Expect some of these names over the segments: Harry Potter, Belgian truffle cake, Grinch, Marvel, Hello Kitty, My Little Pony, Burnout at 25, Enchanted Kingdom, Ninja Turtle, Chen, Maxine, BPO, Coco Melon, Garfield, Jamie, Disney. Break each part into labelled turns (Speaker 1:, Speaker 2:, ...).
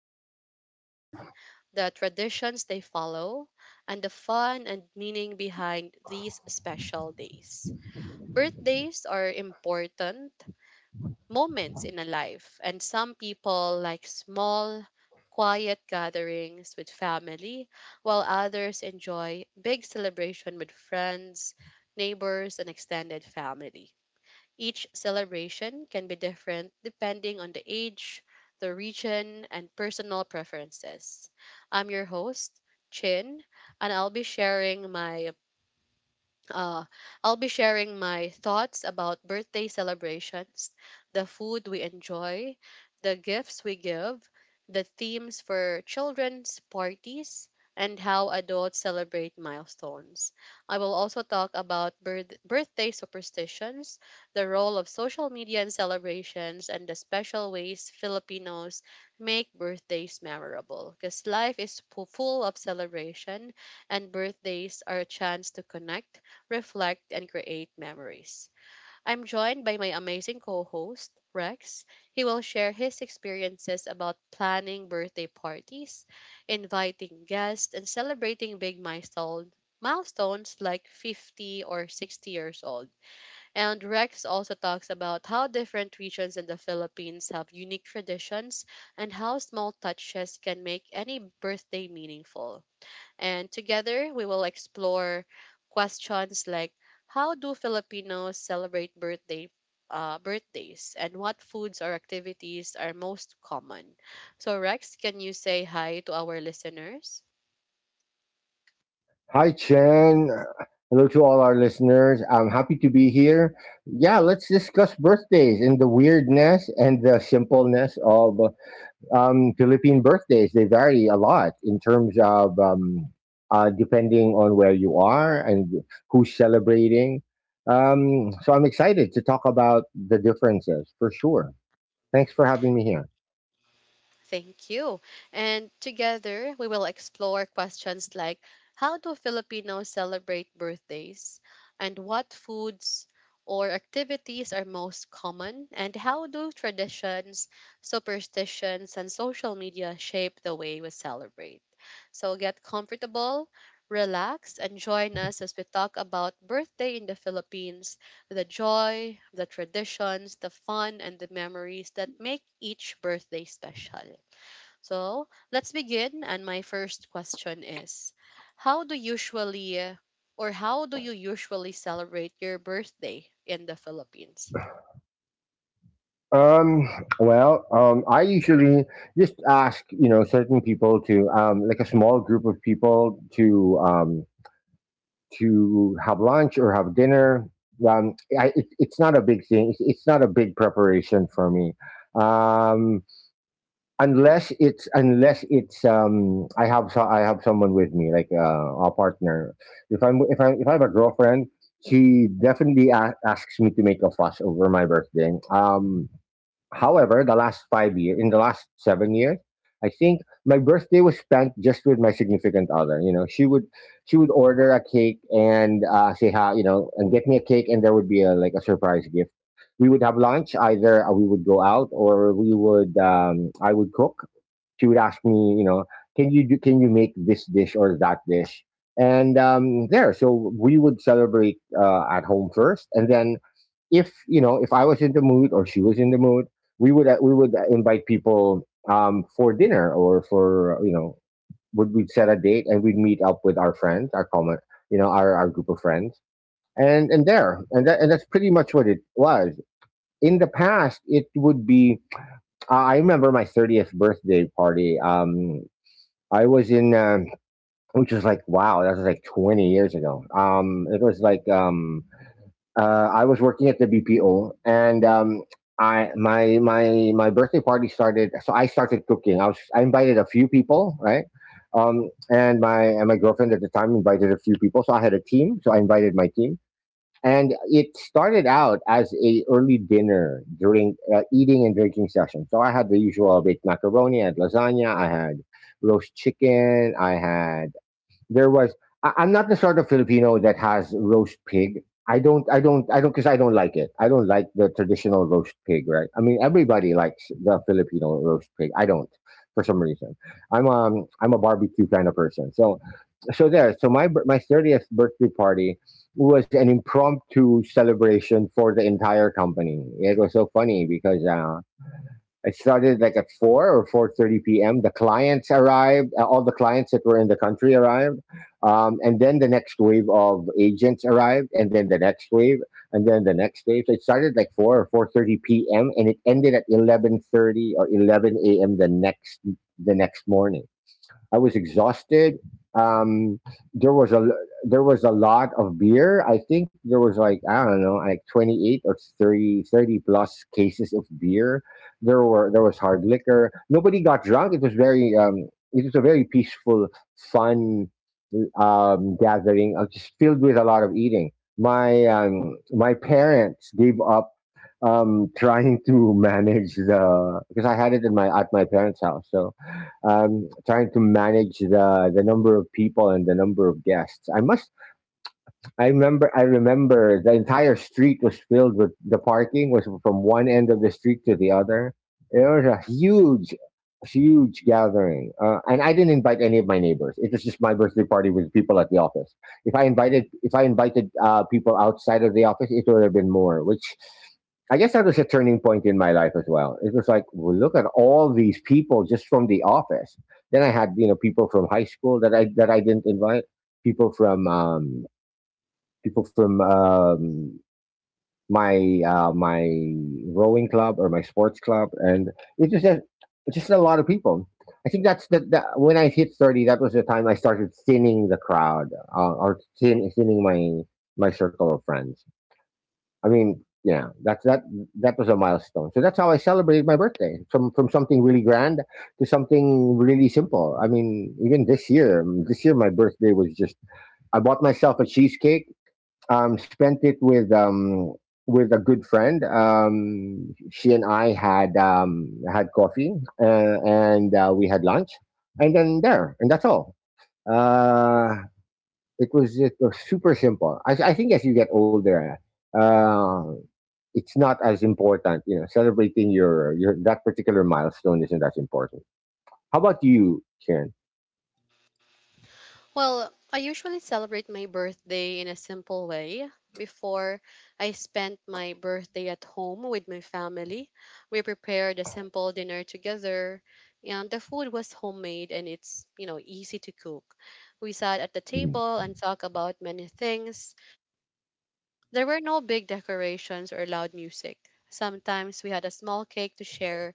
Speaker 1: celebrate them, the traditions they follow, and the fun and meaning behind these special days. Birthdays are important moments in a life. And some people like small, quiet gatherings with family, while others enjoy big celebration with friends, neighbors, and extended family. Each celebration can be different depending on the age, the region, and personal preferences. I'm your host, Chin, and I'll be sharing my uh, thoughts about birthday celebrations, the food we enjoy, the gifts we give, the themes for children's parties, and how adults celebrate milestones. I will also talk about birthday superstitions, the role of social media in celebrations, and the special ways Filipinos make birthdays memorable. Because life is full of celebration, and birthdays are a chance to connect, reflect, and create memories. I'm joined by my amazing co host, Rex. He will share his experiences about planning birthday parties, inviting guests, and celebrating big milestones like 50 or 60 years old. And Rex also talks about how different regions in the Philippines have unique traditions and how small touches can make any birthday meaningful. And together, we will explore questions like how do Filipinos celebrate birthdays, and what foods or activities are most common. So Rex, can you say hi to our listeners?
Speaker 2: Hi, Chen. Hello to all our listeners. I'm happy to be here. Yeah, let's discuss birthdays and the weirdness and the simpleness of Philippine birthdays. They vary a lot in terms of, depending on where you are and who's celebrating. So I'm excited to talk about the differences for sure. Thanks for having me here.
Speaker 1: Thank you. And together, we will explore questions like how do Filipinos celebrate birthdays? And what foods or activities are most common? And how do traditions, superstitions, and social media shape the way we celebrate? So get comfortable, relax, and join us as we talk about birthday in the Philippines, the joy, the traditions, the fun, and the memories that make each birthday special. So let's begin. And my first question is, How do usually uh, how do you usually celebrate your birthday in the Philippines?
Speaker 2: Um, well, I usually just ask, you know, certain people to, like a small group of people to have lunch or have dinner. It's not a big thing. It's not a big preparation for me. Um, unless it's, unless it's, I have, so I have someone with me, like, a partner. If I have a girlfriend, she definitely asks me to make a fuss over my birthday. However, the last 5 years, in the last 7 years, I think my birthday was spent just with my significant other. You know, she would order a cake and, say hi, you know, and get me a cake, and there would be like a surprise gift. We would have lunch. Either, we would go out, or we would I would cook. She would ask me, you know, can you make this dish or that dish? And so we would celebrate, at home first, and then, if, you know, if I was in the mood or she was in the mood, we would invite people, for dinner, or for, you know, would we set a date and we'd meet up with our friends, our common, you know, our group of friends, and that's pretty much what it was. In the past, it would be I remember my 30th birthday party. I was in. Which was like, wow, that was like 20 years ago. It was like I was working at the BPO, and I my my my birthday party started. So I started cooking. I invited a few people, right? And my girlfriend at the time invited a few people. So I had a team. So I invited my team, and it started out as a early dinner during, eating and drinking session. So I had the usual baked macaroni, I had lasagna, I had roast chicken. I had there was I, I'm not the sort of Filipino that has roast pig. I don't, because I don't like it. I don't like the traditional roast pig, right? I mean, everybody likes the Filipino roast pig, I don't. For some reason, I'm a barbecue kind of person, so so there so my bir- my 30th birthday party was an impromptu celebration for the entire company. It was so funny, because it started like at 4 or 4:30 p.m. The clients arrived. All the clients that were in the country arrived, and then the next wave of agents arrived, and then the next wave, and then the next wave. So it started like 4 or 4:30 p.m. and it ended at 11:30 or 11 a.m. the next morning. I was exhausted. Um, there was a there was a lot of beer. I think there was like, I don't know, like 28 or thirty plus cases of beer. There was hard liquor. Nobody got drunk. It was a very peaceful, fun, gathering, just filled with a lot of eating. My parents gave up, trying to manage the, because I had it in my parents' house, so, trying to manage the number of people and the number of guests. I remember. I remember the entire street was filled with, the parking was from one end of the street to the other. It was a huge, huge gathering, and I didn't invite any of my neighbors. It was just my birthday party with people at the office. If I invited people outside of the office, it would have been more. Which, I guess, that was a turning point in my life as well. It was like, well, look at all these people just from the office. Then I had, you know, people from high school that I didn't invite, people from um, people from my my rowing club or my sports club, and it was just a lot of people. I think that's the when I hit 30, that was the time I started thinning the crowd, or thinning my circle of friends. I mean, yeah, that was a milestone. So that's how I celebrated my birthday, from something really grand to something really simple. I mean, even this year my birthday was just, I bought myself a cheesecake, spent it with a good friend. She and I had coffee, and we had lunch, and that's all. Uh, it was super simple. I think as you get older, uh, it's not as important. You know, celebrating your that particular milestone isn't as important. How about you, Shen?
Speaker 1: Well, I usually celebrate my birthday in a simple way. Before, I spent my birthday at home with my family. We prepared a simple dinner together, and the food was homemade and it's, you know, easy to cook. We sat at the table
Speaker 2: Hmm.
Speaker 1: and talked about many things. There were no big decorations or loud music. Sometimes we had a small cake to share.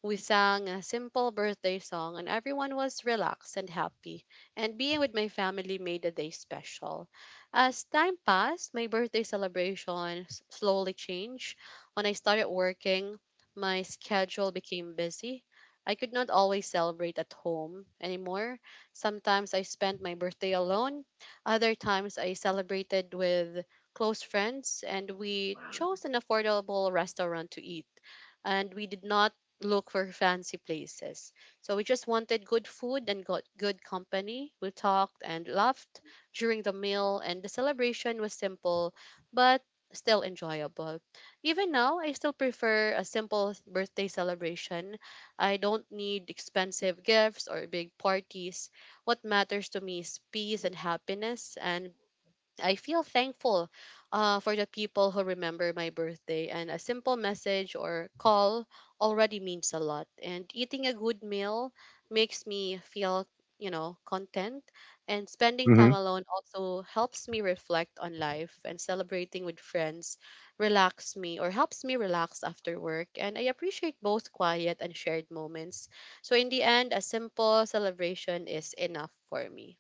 Speaker 1: We sang a simple birthday song, and everyone was relaxed and happy. And being with my family made the day special. As time passed, my birthday celebration slowly changed. When I started working, my schedule became busy. I could not always celebrate at home anymore. Sometimes I spent my birthday alone. Other times I celebrated with close friends, and we chose an affordable restaurant to eat, and we did not look for fancy places. So we just wanted good food and got good company. We talked and laughed during the meal, and the celebration was simple but still enjoyable. Even now, I still prefer a simple birthday celebration. I don't need expensive gifts or big parties. What matters to me is peace and happiness, and I feel thankful for the people who remember my birthday, and a simple message or call already means a lot. And eating a good meal makes me feel, content. And spending time
Speaker 2: Hmm.
Speaker 1: alone also helps me reflect on life, and celebrating with friends relax me or helps me relax after work. And I appreciate both quiet and shared moments. So, in the end, a simple celebration is enough for me.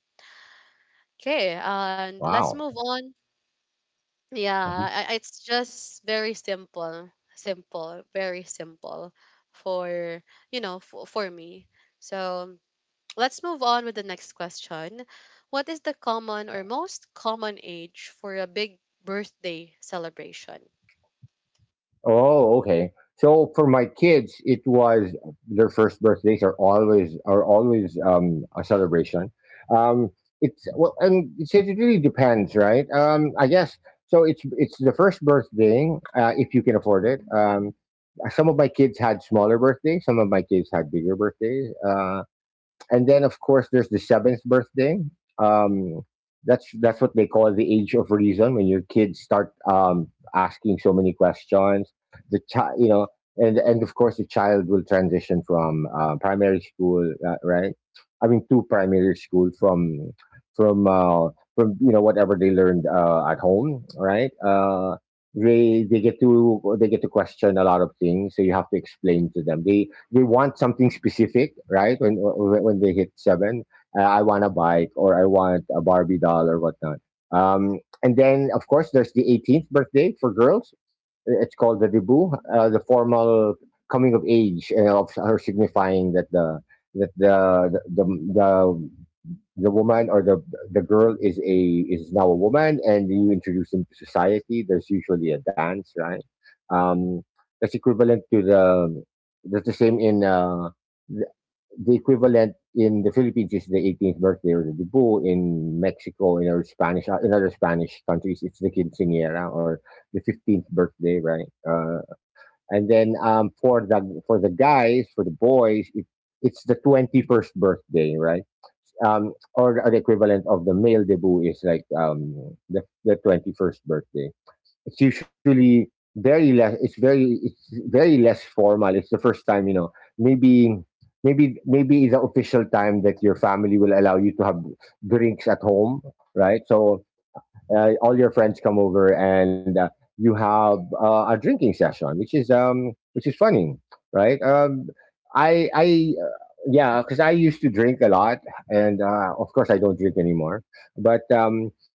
Speaker 1: Okay, and let's
Speaker 2: Wow.
Speaker 1: move on. Yeah, it's just very simple, simple, very simple for, you know, for me. So let's move on with the next question. What is the common or most common age for a big birthday celebration?
Speaker 2: Oh, okay. So for my kids, it was their first birthdays are always a celebration. Um, it's well, and it's, it really depends, right? I guess so. It's the first birthday, if you can afford it. Some of my kids had smaller birthdays. Some of my kids had bigger birthdays. And then of course there's the seventh birthday. Um, that's what they call the age of reason, when your kids start, asking so many questions. The child, you know, and of course the child will transition from, primary school, right? I mean, to primary school, from uh, from you know, whatever they learned, at home, right? They get to question a lot of things, so you have to explain to them. They want something specific, right? When they hit seven, I want a bike, or I want a Barbie doll, or whatnot. And then of course there's the 18th birthday for girls. It's called the debut, the formal coming of age, of her, signifying that the that the the the, the woman, or the girl, is now a woman, and you introduce them to society. There's usually a dance, right? um that's equivalent to the that's the same in, the, the equivalent in the Philippines is the 18th birthday, or the debut. In Mexico, in other Spanish countries, it's the quinceañera, or the 15th birthday, right? And then, for the boys, it's the 21st birthday, right? Or the equivalent of the male debut is like, the 21st birthday. It's usually very less. It's very less formal. It's the first time, you know. Maybe maybe it's the official time that your family will allow you to have drinks at home, right? So, all your friends come over and, you have, a drinking session, which is, funny, right? I Yeah, because I used to drink a lot, and, of course I don't drink anymore. But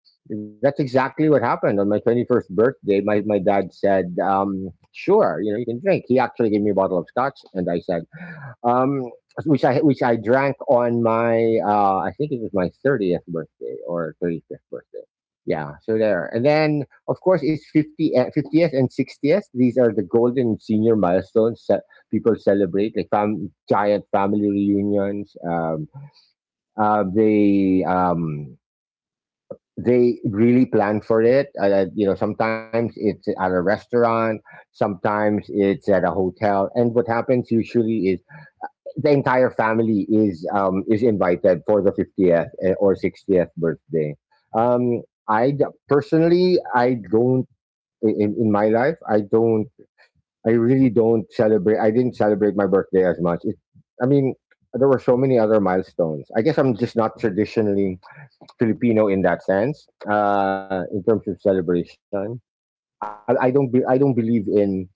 Speaker 2: that's exactly what happened on my 21st birthday. My dad said, "Sure, you know you can drink." He actually gave me a bottle of scotch, and I said, um, which I drank on my, I think it was my 30th birthday or 35th birthday. Yeah, so there. And then of course it's 50, 50th and sixtieth. These are the golden senior milestones that people celebrate, like giant family reunions. Uh, they um, they really plan for it. You know, sometimes it's at a restaurant, sometimes it's at a hotel, and what happens usually is the entire family is invited for the 50th, or 60th birthday. um Personally, I don't I- in my life, I really don't celebrate. I didn't celebrate my birthday as much. I mean, there were so many other milestones. I guess I'm just not traditionally Filipino in that sense, in terms of celebration. I don't believe in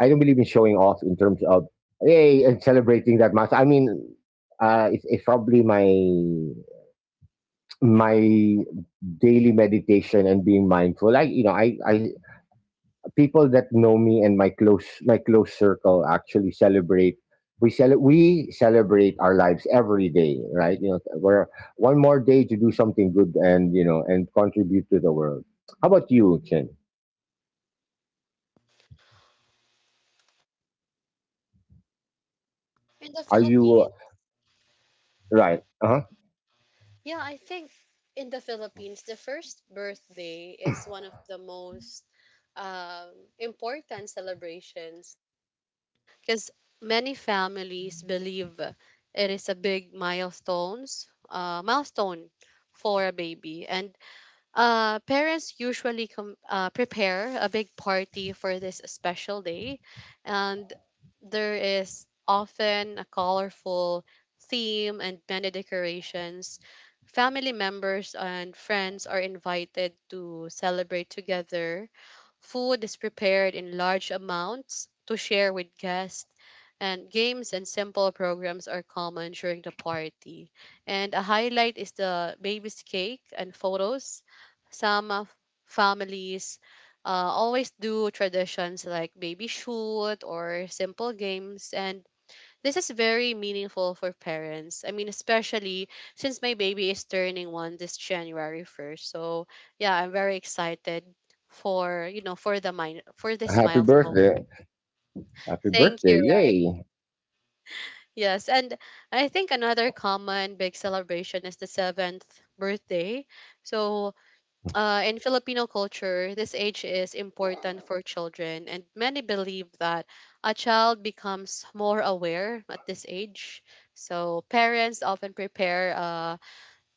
Speaker 2: showing off in terms of, hey, and celebrating that much. I mean, it's probably my daily meditation and being mindful. Like you know, I people that know me and my close circle actually celebrate. We celebrate our lives every day, right? We're one more day to do something good and you know and contribute to the world. How about you, Chen?
Speaker 1: In the
Speaker 2: Are you
Speaker 1: Philippines,
Speaker 2: right? Uh huh.
Speaker 1: yeah, I think in the Philippines, the first birthday is one of the most important celebrations, because many families believe it is a big milestone for a baby. And parents usually prepare a big party for this special day, and there is often a colorful theme and many decorations. Family members and friends are invited to celebrate together. Food is prepared in large amounts to share with guests, and games and simple programs are common during the party. And a highlight is the baby's cake and photos. Some of families uh, always do traditions like baby shoot or simple games, and this is very meaningful for parents. I mean, especially since my baby is turning one this January 1st. So, yeah, I'm very excited for the mine for this
Speaker 2: Happy
Speaker 1: milestone.
Speaker 2: birthday. Happy
Speaker 1: Thank
Speaker 2: birthday!
Speaker 1: you, right?
Speaker 2: Yay.
Speaker 1: Yes, and I think another common big celebration is the 7th birthday. So, in Filipino culture, this age is important for children, and many believe that a child becomes more aware at this age. So parents often prepare,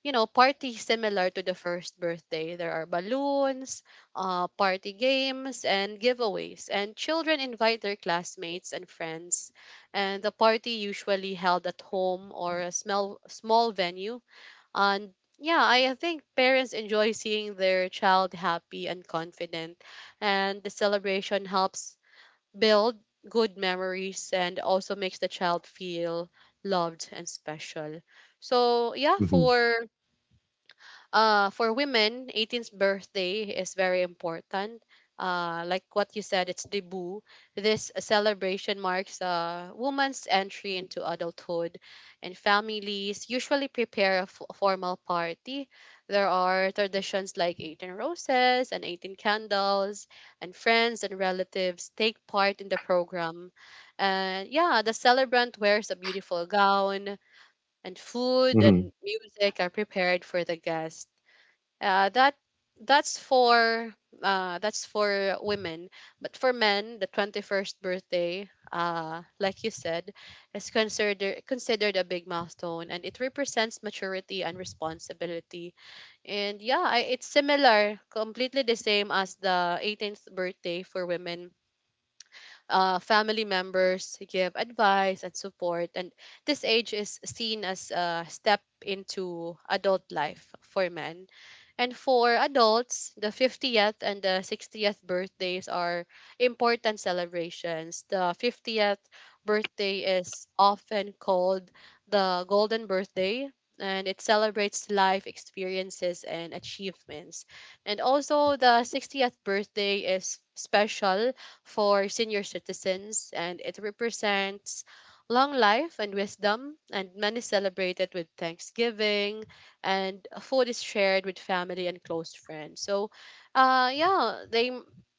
Speaker 1: you know, parties similar to the first birthday. There are balloons, party games, and giveaways, and children invite their classmates and friends. And the party usually held at home or a small venue. And yeah, I think parents enjoy seeing their child happy and confident, and the celebration helps build good memories and also makes the child feel loved and special. So, yeah,
Speaker 2: Hmm
Speaker 1: for women, 18th birthday is very important. Like what you said, it's debut. This celebration marks a woman's entry into adulthood, and families usually prepare a formal party. There are traditions like 18 roses and 18 candles, and friends and relatives take part in the program. And yeah, the celebrant wears a beautiful gown, and food and
Speaker 2: hmm
Speaker 1: music are prepared for the guests. Uh, that that's for that's for women, but for men, the 21st birthday, like you said, is considered a big milestone, and it represents maturity and responsibility. And yeah, I, it's similar, completely the same as the 18th birthday for women. Family members give advice and support, and this age is seen as a step into adult life for men. And for adults, the 50th and the 60th birthdays are important celebrations. The 50th birthday is often called the golden birthday, and it celebrates life experiences and achievements. And also the 60th birthday is special for senior citizens, and it represents long life and wisdom, and many celebrate it with thanksgiving, and food is shared with family and close friends. So, yeah, they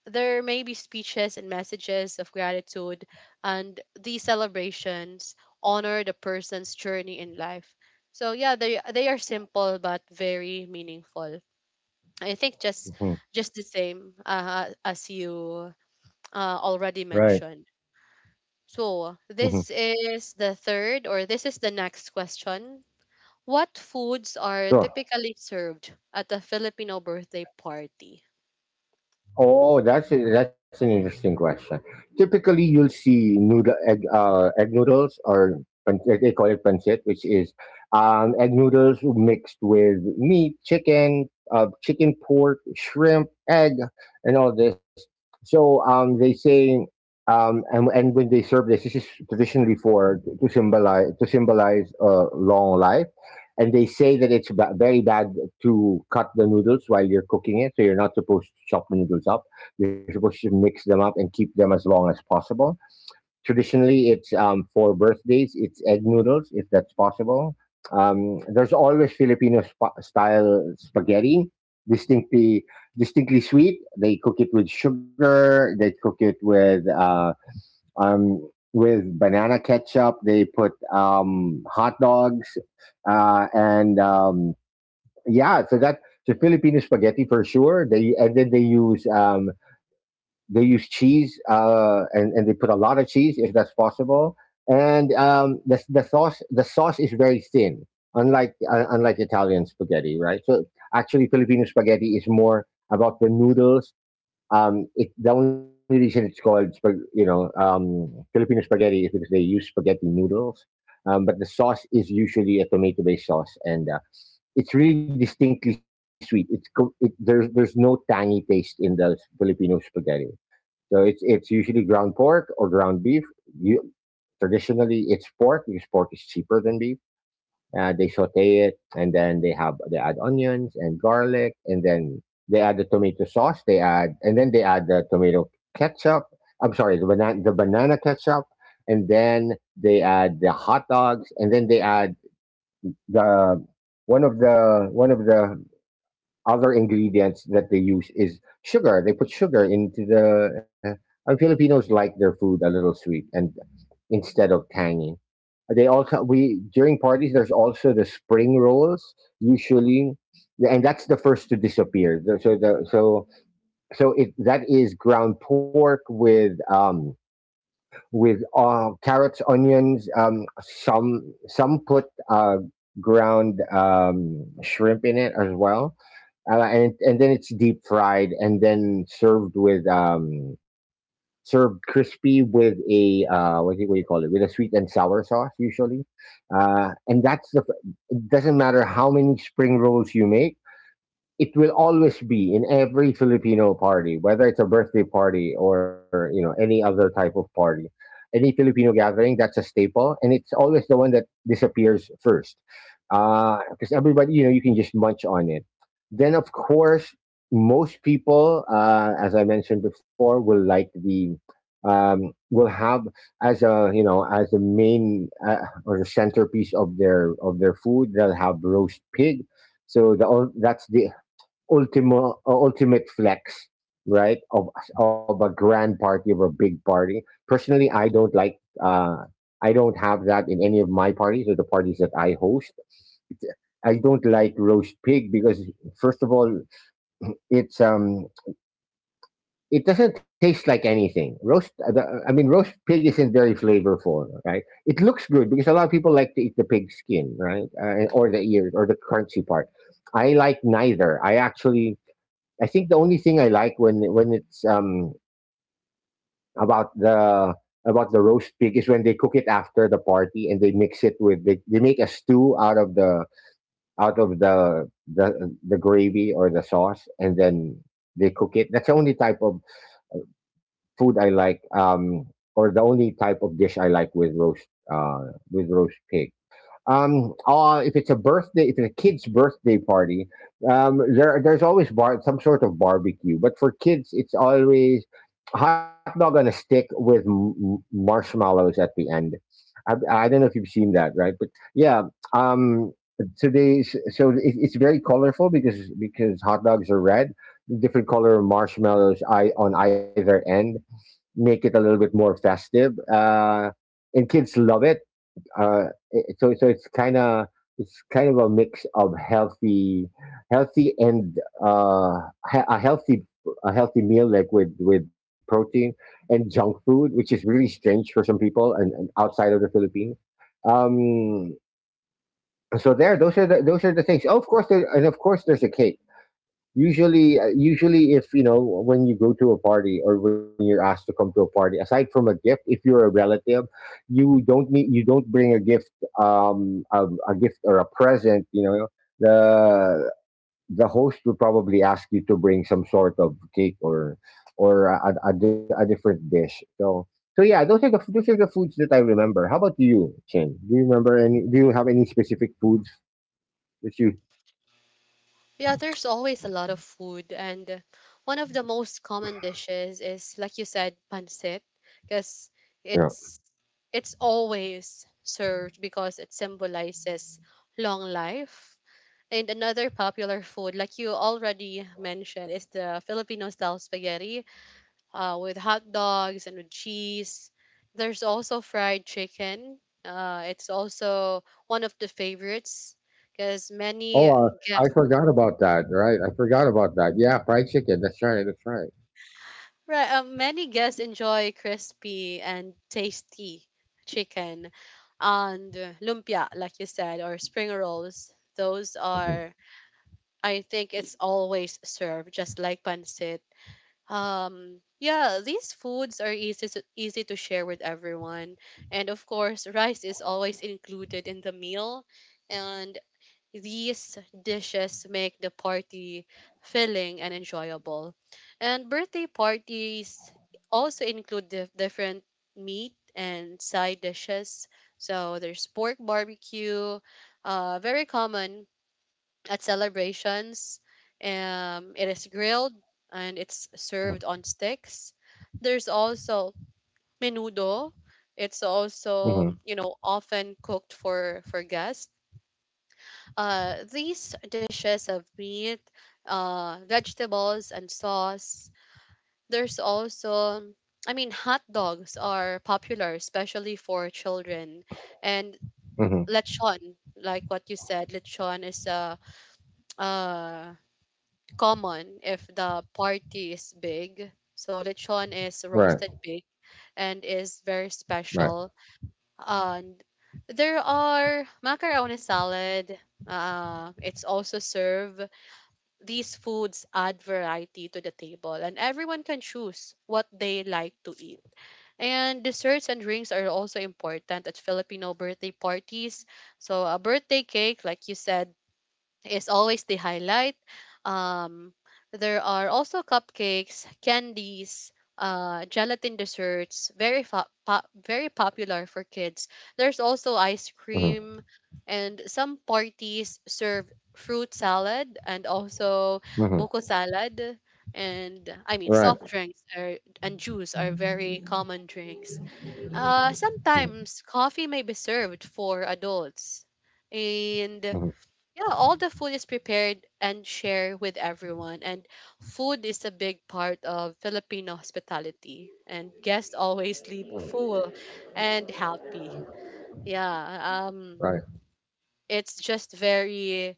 Speaker 1: there may be speeches and messages of gratitude, and these celebrations honor the person's journey in life. So yeah, they are simple but very meaningful. I think
Speaker 2: hmm
Speaker 1: just the same as you already
Speaker 2: Right.
Speaker 1: mentioned. So
Speaker 2: hmm
Speaker 1: this is the next question: what foods are
Speaker 2: Sure.
Speaker 1: typically served at a Filipino birthday party?
Speaker 2: Oh, that's an interesting question. Typically, you'll see noodle egg egg noodles or they call it pancit, which is egg noodles mixed with meat, chicken, chicken, pork, shrimp, egg, and all this. So they say. And when they serve this, this is traditionally for to symbolize long life, and they say that very bad to cut the noodles while you're cooking it. So you're not supposed to chop the noodles up. You're supposed to mix them up and keep them as long as possible. Traditionally, it's for birthdays, it's egg noodles if that's possible. There's always Filipino spa style spaghetti, distinctly distinctly sweet. They cook it with sugar. They cook it um, with banana ketchup. They put hot dogs and yeah, so that so Filipino spaghetti for sure. They and then they use cheese and they put a lot of cheese if that's possible. And the sauce is very thin, unlike unlike Italian spaghetti, right? So actually Filipino spaghetti is more about the noodles. The only reason it's called Filipino spaghetti is because they use spaghetti noodles. But the sauce is usually a tomato-based sauce, and it's really distinctly sweet. It's co- it, there's no tangy taste in the Filipino spaghetti. So it's usually ground pork or ground beef. You Traditionally it's pork because pork is cheaper than beef. They saute it and then they add onions and garlic, and then they add the tomato sauce. They add and then they add the tomato ketchup. I'm sorry, the banana ketchup, and then they add the hot dogs, and then they add the one of the one of the other ingredients that they use is sugar. They put sugar into the. And Filipinos like their food a little sweet and instead of tangy. They also we During parties there's also the spring rolls usually, and that's the first to disappear. The so so it That is ground pork with carrots, onions. Some put ground shrimp in it as well, and then it's deep fried and then served crispy with a what do you call it, with a sweet and sour sauce usually, and that's the f- it doesn't matter how many spring rolls you make, it will always be in every Filipino party, whether it's a birthday party or any other type of party, any Filipino gathering. That's a staple, and it's always the one that disappears first, because everybody, you can just munch on it. Then of course, most people, as I mentioned before, will like the will have as a you know as the main or the centerpiece of their food, they'll have roast pig. So that's the ultimate flex, right? Of a grand party, of a big party. Personally, I don't like. Uh, I don't have that in any of my parties or the parties that I host. It's, I don't like roast pig because first of all, it's um, it doesn't taste like anything. I mean, roast pig isn't very flavorful, right? It looks good because a lot of people like to eat the pig skin, right, or the ears or the crunchy part. I like neither. I think the only thing I like when it's about the roast pig is when they cook it after the party and they mix it with they make a stew out of the gravy or the sauce, and then they cook it. That's the only type of food I like, or the only type of dish I like with roast pig. If it's a birthday if it's a kid's birthday party, there there's always bar some sort of barbecue, but for kids it's always hot dog on a stick with marshmallows at the end. I, I don't know if you've seen that, right? But yeah. um today So it, it's very colorful because hot dogs are red, different color of marshmallows I on either end make it a little bit more festive, and kids love it. So it's kind of, it's kind of a mix of healthy, healthy and uh, a healthy, a healthy meal, like with protein and junk food, which is really strange for some people and, outside of the Philippines. Um, so there, those are the things. Oh, of course, there, and of course, there's a cake usually, usually if you know, when you go to a party or when you're asked to come to a party, aside from a gift, if you're a relative, you don't bring a gift, um a, a gift or a present. You know, the host will probably ask you to bring some sort of cake or a, a different dish. So so yeah, those are the foods that I remember. How about you, Chin? Do you remember any? Do you have any specific foods that you?
Speaker 1: Yeah, there's always a lot of food, and one of the most common dishes is, like you said, pancit, because it's it's always served because it symbolizes long life. And another popular food, like you already mentioned, is the Filipino style spaghetti with hot dogs and with cheese. There's also fried chicken. It's also one of the favorites, because many
Speaker 2: Oh, I
Speaker 1: guests,
Speaker 2: forgot about that, right? I forgot about that. Yeah, fried chicken. That's right. That's right.
Speaker 1: right, many guests enjoy crispy and tasty chicken, and lumpia, like you said, or spring rolls.
Speaker 2: Mhm,
Speaker 1: I think, it's always served just like pancit. Yeah, these foods are easy to share with everyone. And of course, rice is always included in the meal. And these dishes make the party filling and enjoyable. And birthday parties also include different meat and side dishes. So there's pork barbecue, very common at celebrations. Um, it is grilled and it's served on sticks. There's also menudo. It's
Speaker 2: mhm, mhm,
Speaker 1: also, you know, often cooked for guests. These dishes of meat, vegetables, and sauce. There's also, I mean, hot dogs are popular, especially for children. And
Speaker 2: mhm.
Speaker 1: lechon, like what you said, lechon is a uh, common if the party is big. So lechon is
Speaker 2: Right.
Speaker 1: roasted pig and is very
Speaker 2: Right.
Speaker 1: special. And there are macaroni salad. It's also served. These foods add variety to the table, and everyone can choose what they like to eat. And desserts and drinks are also important at Filipino birthday parties. So a birthday cake, like you said, is always the highlight. Um, there are also cupcakes, candies, gelatin desserts, very popular for kids. There's also ice
Speaker 2: Mhm,
Speaker 1: cream, and some parties serve fruit salad and also
Speaker 2: mhm.
Speaker 1: buko salad. And I mean,
Speaker 2: Right.
Speaker 1: soft drinks are, and juice are very common drinks.
Speaker 2: Mhm,
Speaker 1: Sometimes coffee may be served for adults, and
Speaker 2: mhm,
Speaker 1: yeah, all the food is prepared and shared with everyone. And food is a big part of Filipino hospitality. And guests always leave
Speaker 2: mhm.
Speaker 1: full and happy. Yeah, um,
Speaker 2: Right.
Speaker 1: it's just very,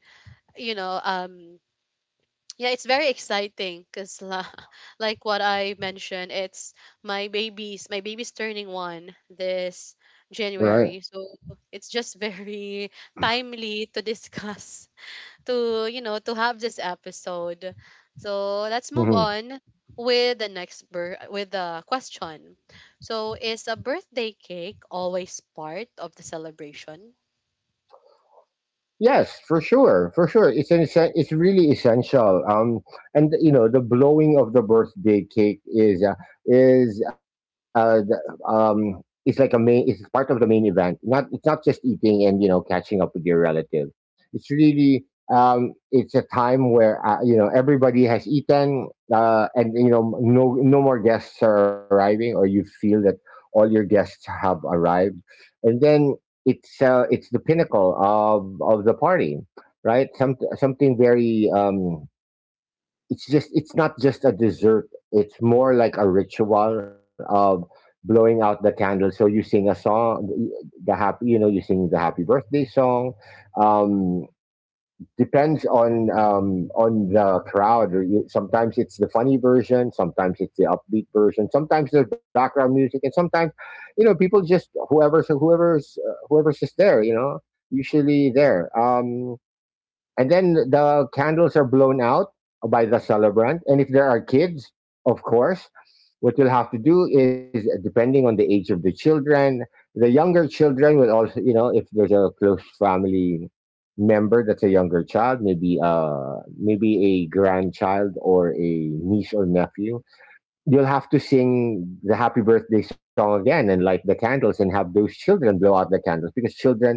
Speaker 1: you know, yeah, it's very exciting because, like what I mentioned, it's my baby's turning one this
Speaker 2: Right.
Speaker 1: January. So it's just very timely to discuss to have this episode. So let's move
Speaker 2: Mhm.
Speaker 1: on with the with the question. So is a birthday cake always part of the celebration?
Speaker 2: Yes, for sure, for sure. It's really essential. And you know, the blowing of the birthday cake is the, it's like a main, it's part of the main event. Not It's not just eating and you know, catching up with your relative. It's really, it's a time where you know, everybody has eaten, and you know, no more guests are arriving, or you feel that all your guests have arrived, and then it's the pinnacle of the party, right? Something very, it's just, it's not just a dessert. It's more like a ritual of blowing out the candle. So you sing a song, the happy, you know, you sing the happy birthday song. Um, Depends on the crowd. Or you, sometimes it's the funny version, sometimes it's the upbeat version, sometimes there's background music, and sometimes you know, people just whoever's just there. You know, usually there. And then the candles are blown out by the celebrant, and if there are kids, of course what you'll have to do is, depending on the age of the children, the younger children will also, you know, if there's a close family member that's a younger child, maybe maybe a grandchild or a niece or nephew, you'll have to sing the happy birthday song again and light the candles and have those children blow out the candles, because children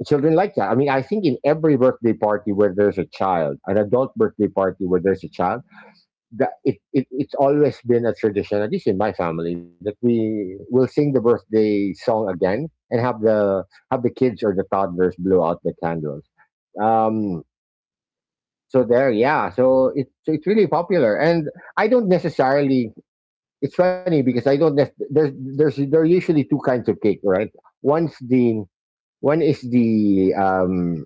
Speaker 2: children like that. I mean, I think in every birthday party where there's a child, an adult birthday party where there's a child, it's always been a tradition, at least in my family, that we will sing the birthday song again and have the kids or the toddlers blow out the candles. Um, so there, yeah. So it's really popular, and I don't necessarily. It's funny because I don't. Nec- There's there are usually two kinds of cake, right? One's the one is the um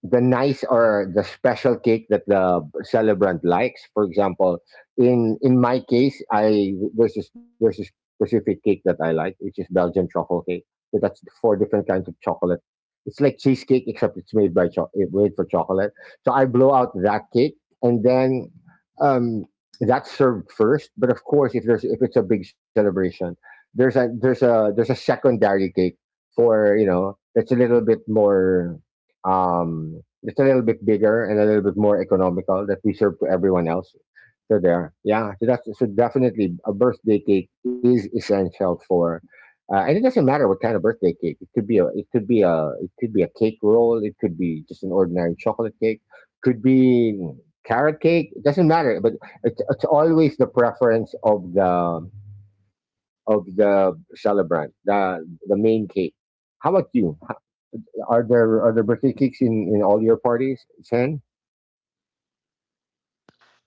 Speaker 2: the nice or the special cake that the celebrant likes. For example, in my case, I there's this, there's this specific cake that I like, which is Belgian truffle cake. So that's four different kinds of chocolate. It's like cheesecake, except it's made by made for chocolate. So I blow out that cake, and then um, that's served first. But of course, if there's if it's a big celebration, there's a secondary cake for that's a little bit more it's a little bit bigger and a little bit more economical that we serve to everyone else. So there, yeah, so that's, so definitely a birthday cake is essential for and it doesn't matter what kind of birthday cake. It could be a cake roll, it could be just an ordinary chocolate cake, could be carrot cake, it doesn't matter, but it's always the preference of the celebrant, the main cake. How about you? Are there birthday cakes in all your parties, Chen?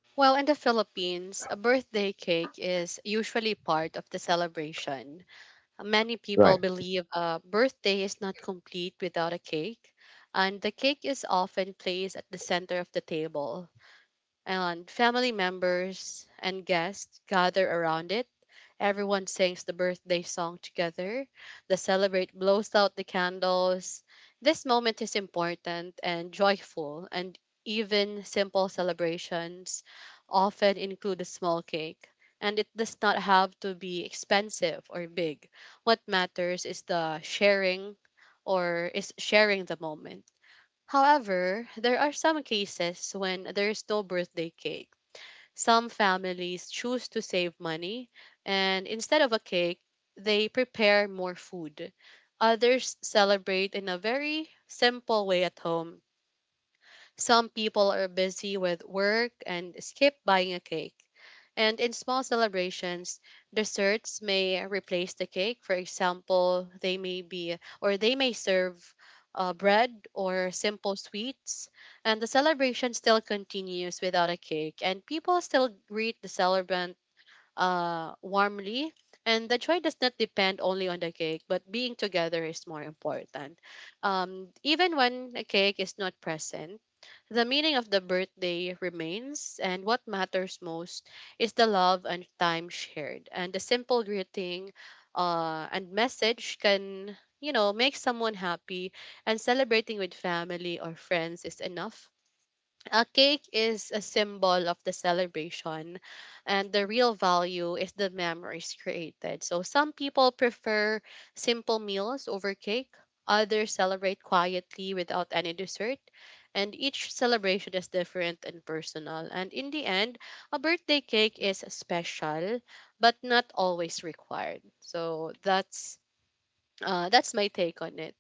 Speaker 1: Well, in the Philippines, a birthday cake is usually part of the celebration. Many
Speaker 2: Right,
Speaker 1: people believe a birthday is not complete without a cake, and the cake is often placed at the center of the table. And family members and guests gather around it. Everyone sings the birthday song together. The celebrate blows out the candles. This moment is important and joyful, and even simple celebrations often include a small cake. And it does not have to be expensive or big. What matters is the sharing or is sharing the moment. However, there are some cases when there is no birthday cake. Some families choose to save money, and instead of a cake, they prepare more food. Others celebrate in a very simple way at home. Some people are busy with work and skip buying a cake. And in small celebrations, desserts may replace the cake. For example, they may serve bread or simple sweets. And the celebration still continues without a cake. And people still greet the celebrant warmly. And the joy does not depend only on the cake, but being together is more important. Even when a cake is not present, the meaning of the birthday remains, and what matters most is the love and time shared. And the simple greeting and message can, you know, make someone happy, and celebrating with family or friends is enough. A cake is a symbol of the celebration, and the real value is the memories created. So some people prefer simple meals over cake, others celebrate quietly without any dessert, and each celebration is different and personal. And in the end, a birthday cake is special, but not always required. So that's my take on it.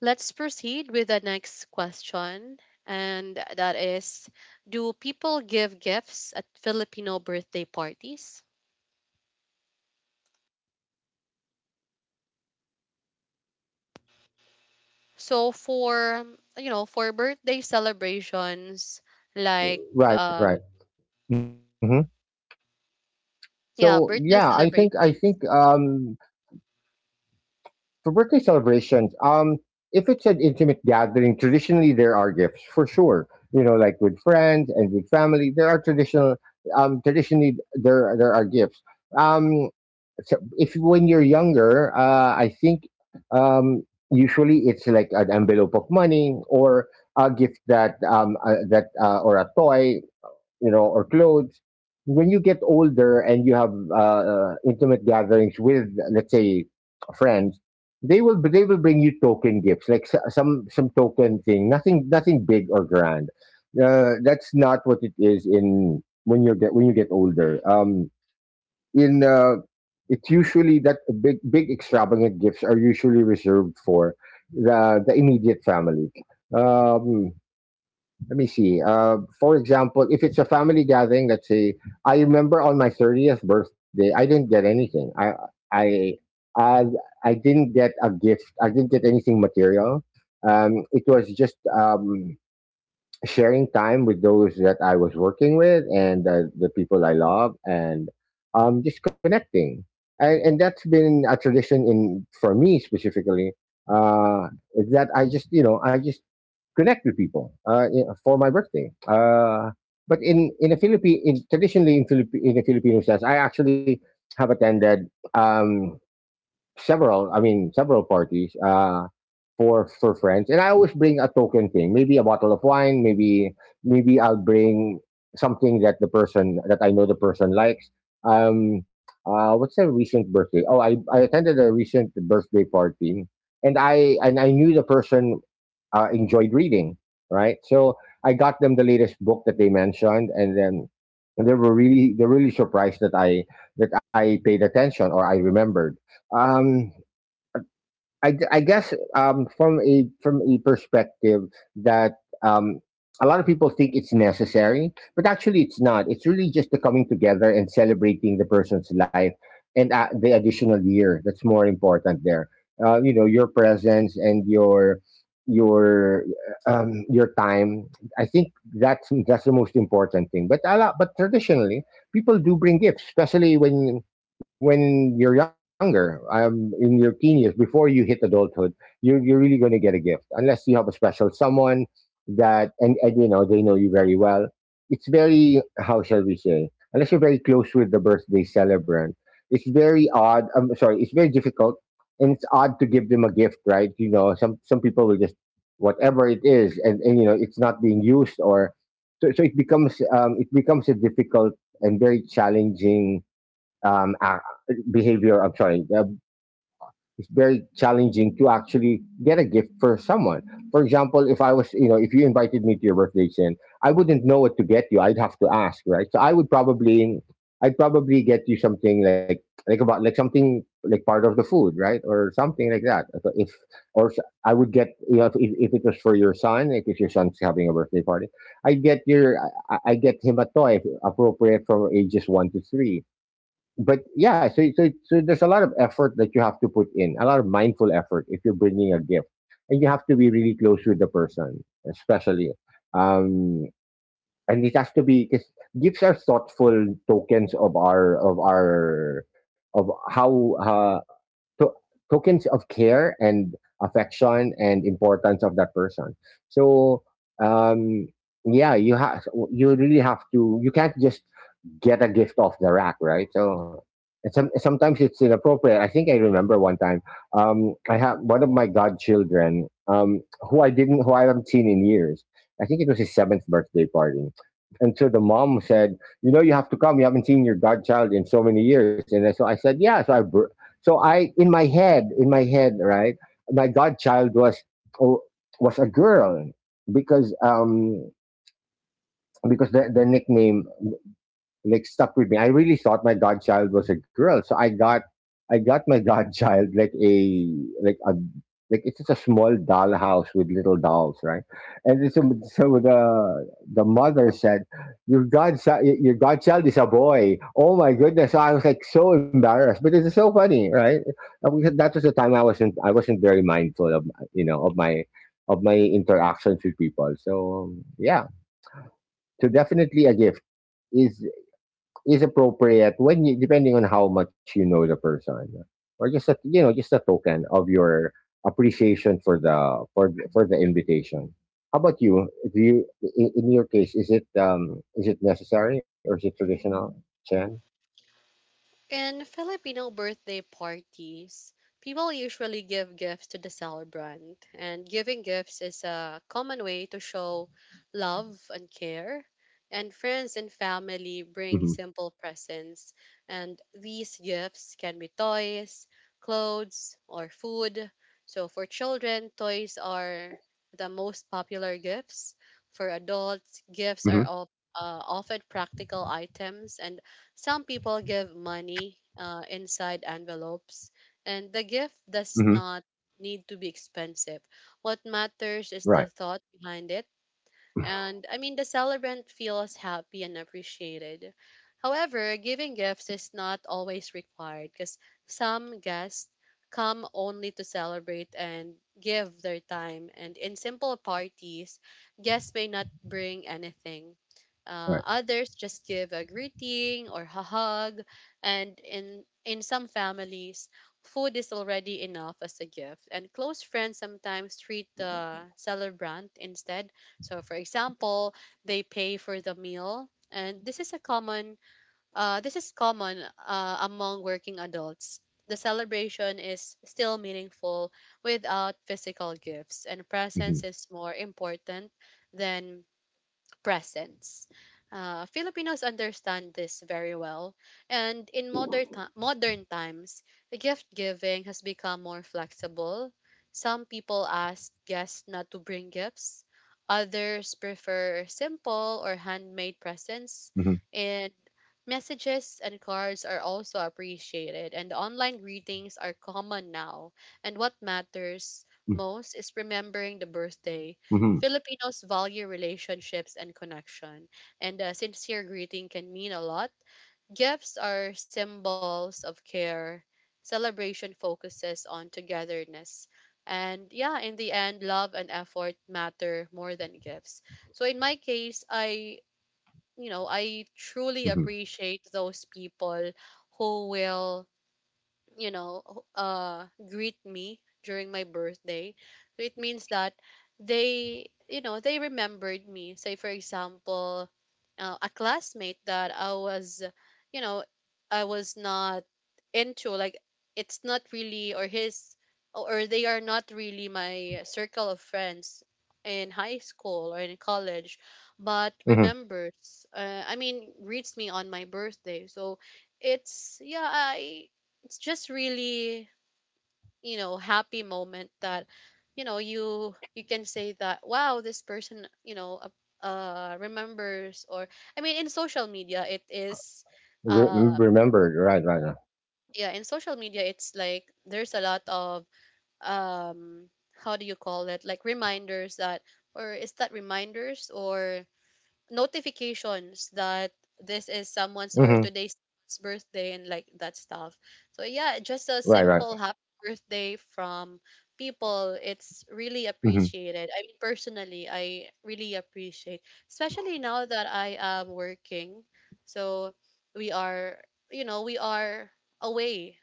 Speaker 1: Let's proceed with the next question. And that is, do people give gifts at Filipino birthday parties? So for, you know, for birthday celebrations, like,
Speaker 2: right, right.
Speaker 1: um,
Speaker 2: Hmm. So
Speaker 1: yeah,
Speaker 2: yeah, I
Speaker 1: birthday
Speaker 2: think I think
Speaker 1: celebrations.
Speaker 2: for birthday celebrations, if it's an intimate gathering, traditionally there are gifts for sure. You know, like with friends and with family, there are traditional. Traditionally there are gifts. Um, so if when you're younger, I think usually it's like an envelope of money or a gift that or a toy, you know, or clothes. When you get older and you have intimate gatherings with, let's say, friends, they will bring you token gifts, like some token thing. Nothing big or grand. That's not what it is in when you get older. In it's usually that big extravagant gifts are usually reserved for the immediate family. Um, let me see. For example, if it's a family gathering, let's say, I remember on my 30th birthday, I didn't get anything. I I, I didn't get a gift. I didn't get anything material. It was just sharing time with those that I was working with and the people I love, and just connecting. And that's been a tradition in for me specifically. Uh, is that I just, you know, I just connect with people, you know, for my birthday. But in a Philippine in traditionally in Philippi in a Filipino sense, I actually have attended. Um, Several, I mean, several parties for friends, and I always bring a token thing, maybe a bottle of wine, maybe maybe I'll bring something that the person that I know the person likes. What's a recent birthday? Oh, I attended a recent birthday party, and I knew the person enjoyed reading, right? So I got them the latest book that they mentioned, and then and they were really they are really surprised that I paid attention or I remembered. Um, I I guess from a perspective that um, a lot of people think it's necessary, but actually it's not. It's really just the coming together and celebrating the person's life and the additional year, that's more important there. You know, your presence and your your time. I think that's the most important thing. But a lot, but traditionally, people do bring gifts, especially when you're younger, in your teen years, before you hit adulthood, you're really going to get a gift unless you have a special someone that and you know they know you very well. It's very how shall we say? Unless you're very close with the birthday celebrant, it's very odd. I'm sorry, it's very difficult, and it's odd to give them a gift, right? You know, some people will just whatever it is, and you know it's not being used, or so, so it becomes a difficult and very challenging behavior. I'm sorry. It's very challenging to actually get a gift for someone. For example, if I was, you know, if you invited me to your birthday, Sin, I wouldn't know what to get you. I'd have to ask, right? So I would probably, I'd probably get you something like about, like something like part of the food, right, or something like that. So if or s- I would get, you know, if it was for your son, like if your son's having a birthday party, I get your, I get him a toy appropriate from ages one to three. But yeah, so, so so there's a lot of effort that you have to put in, a lot of mindful effort if you're bringing a gift, and you have to be really close with the person, especially, um, and it has to be because gifts are thoughtful tokens of our of how to- tokens of care and affection and importance of that person. So um, yeah, you have, you really have to. You can't just get a gift off the rack, right? So and some, sometimes it's inappropriate. I think I remember one time I had one of my godchildren who I didn't, who I haven't seen in years. I think it was his seventh birthday party. And so the mom said, "You know, you have to come. You haven't seen your godchild in so many years." And so I said, "Yeah." So I, in my head, right, my godchild was oh, was a girl because um because the nickname like stuck with me. I really thought my godchild was a girl, so I got, I got my godchild like a like a like, it's just a small dollhouse with little dolls, right? And so, so the mother said, your godchild is a boy." Oh my goodness! So I was like so embarrassed, but it's so funny, right? And we had- that was the time I wasn't, I wasn't very mindful of, you know, of my interactions with people. So yeah, so definitely a gift is is appropriate when you depending on how much you know the person, or just a, you know, just a token of your appreciation for the for the, for the invitation. How about you? Do you, in your case, is it necessary or is it traditional, Chen?
Speaker 1: In Filipino birthday parties, people usually give gifts to the celebrant, and giving gifts is a common way to show love and care. And friends and
Speaker 2: Mm-hmm.
Speaker 1: family bring simple presents, and these gifts can be toys, clothes, or food. So for children, toys are the most popular gifts. For adults,
Speaker 2: Mm-hmm.
Speaker 1: often practical items, and some people give money inside envelopes, and the gift does
Speaker 2: Mm-hmm.
Speaker 1: not need to be expensive. What matters is the
Speaker 2: Right,
Speaker 1: thought behind it, and I mean, the celebrant feels happy and appreciated. However, giving gifts is not always required because some guests come only to celebrate and give their time, and in simple parties, guests may not bring anything.
Speaker 2: right.
Speaker 1: Others just give a greeting or a hug, and in some families, food is already enough as a gift. And close friends sometimes treat the celebrant instead. So for example, they pay for the meal, and this is common among working adults. The celebration is still meaningful without physical gifts, and
Speaker 2: Mm-hmm.
Speaker 1: presence is more important than presence. Filipinos understand this very well, and in modern times, the gift giving has become more flexible. Some people ask guests not to bring gifts. Others prefer simple or handmade
Speaker 2: Mm-hmm.
Speaker 1: presents, and messages and cards are also appreciated, and online greetings are common now. And what matters most is remembering the
Speaker 2: Mm-hmm.
Speaker 1: birthday. Filipinos value relationships and connection, and a sincere greeting can mean a lot. Gifts are symbols of care. Celebration focuses on togetherness. And yeah, in the end, love and effort matter more than gifts. So in my case, I, you know, I
Speaker 2: Mm-hmm,
Speaker 1: truly appreciate those people who will, you know, greet me during my birthday. So it means that they, you know, they remembered me. Say, for example, a classmate that I was, you know, I was not into, like, it's not really, or his, or they are not really my circle of friends in high school or in college, but
Speaker 2: mm-hmm.
Speaker 1: remembers, I mean, greets me on my birthday. So, it's yeah, I it's just really, you know, happy moment that, you know, you can say that wow, this person, you know, remembers, or I mean, in social media it is,
Speaker 2: Re-
Speaker 1: um
Speaker 2: remembered, right, right.
Speaker 1: yeah, in social media it's like there's a lot of, um how do you call it, like reminders that, or is that reminders or notifications that this is someone's, or
Speaker 2: Mm-hmm.
Speaker 1: today's birthday and like that stuff. So yeah, just a
Speaker 2: Right,
Speaker 1: simple
Speaker 2: right.
Speaker 1: happy birthday from people. It's really
Speaker 2: Mm-hmm.
Speaker 1: appreciated. I mean personally, I really appreciate, especially now that I am working. So we are, you know, we are away,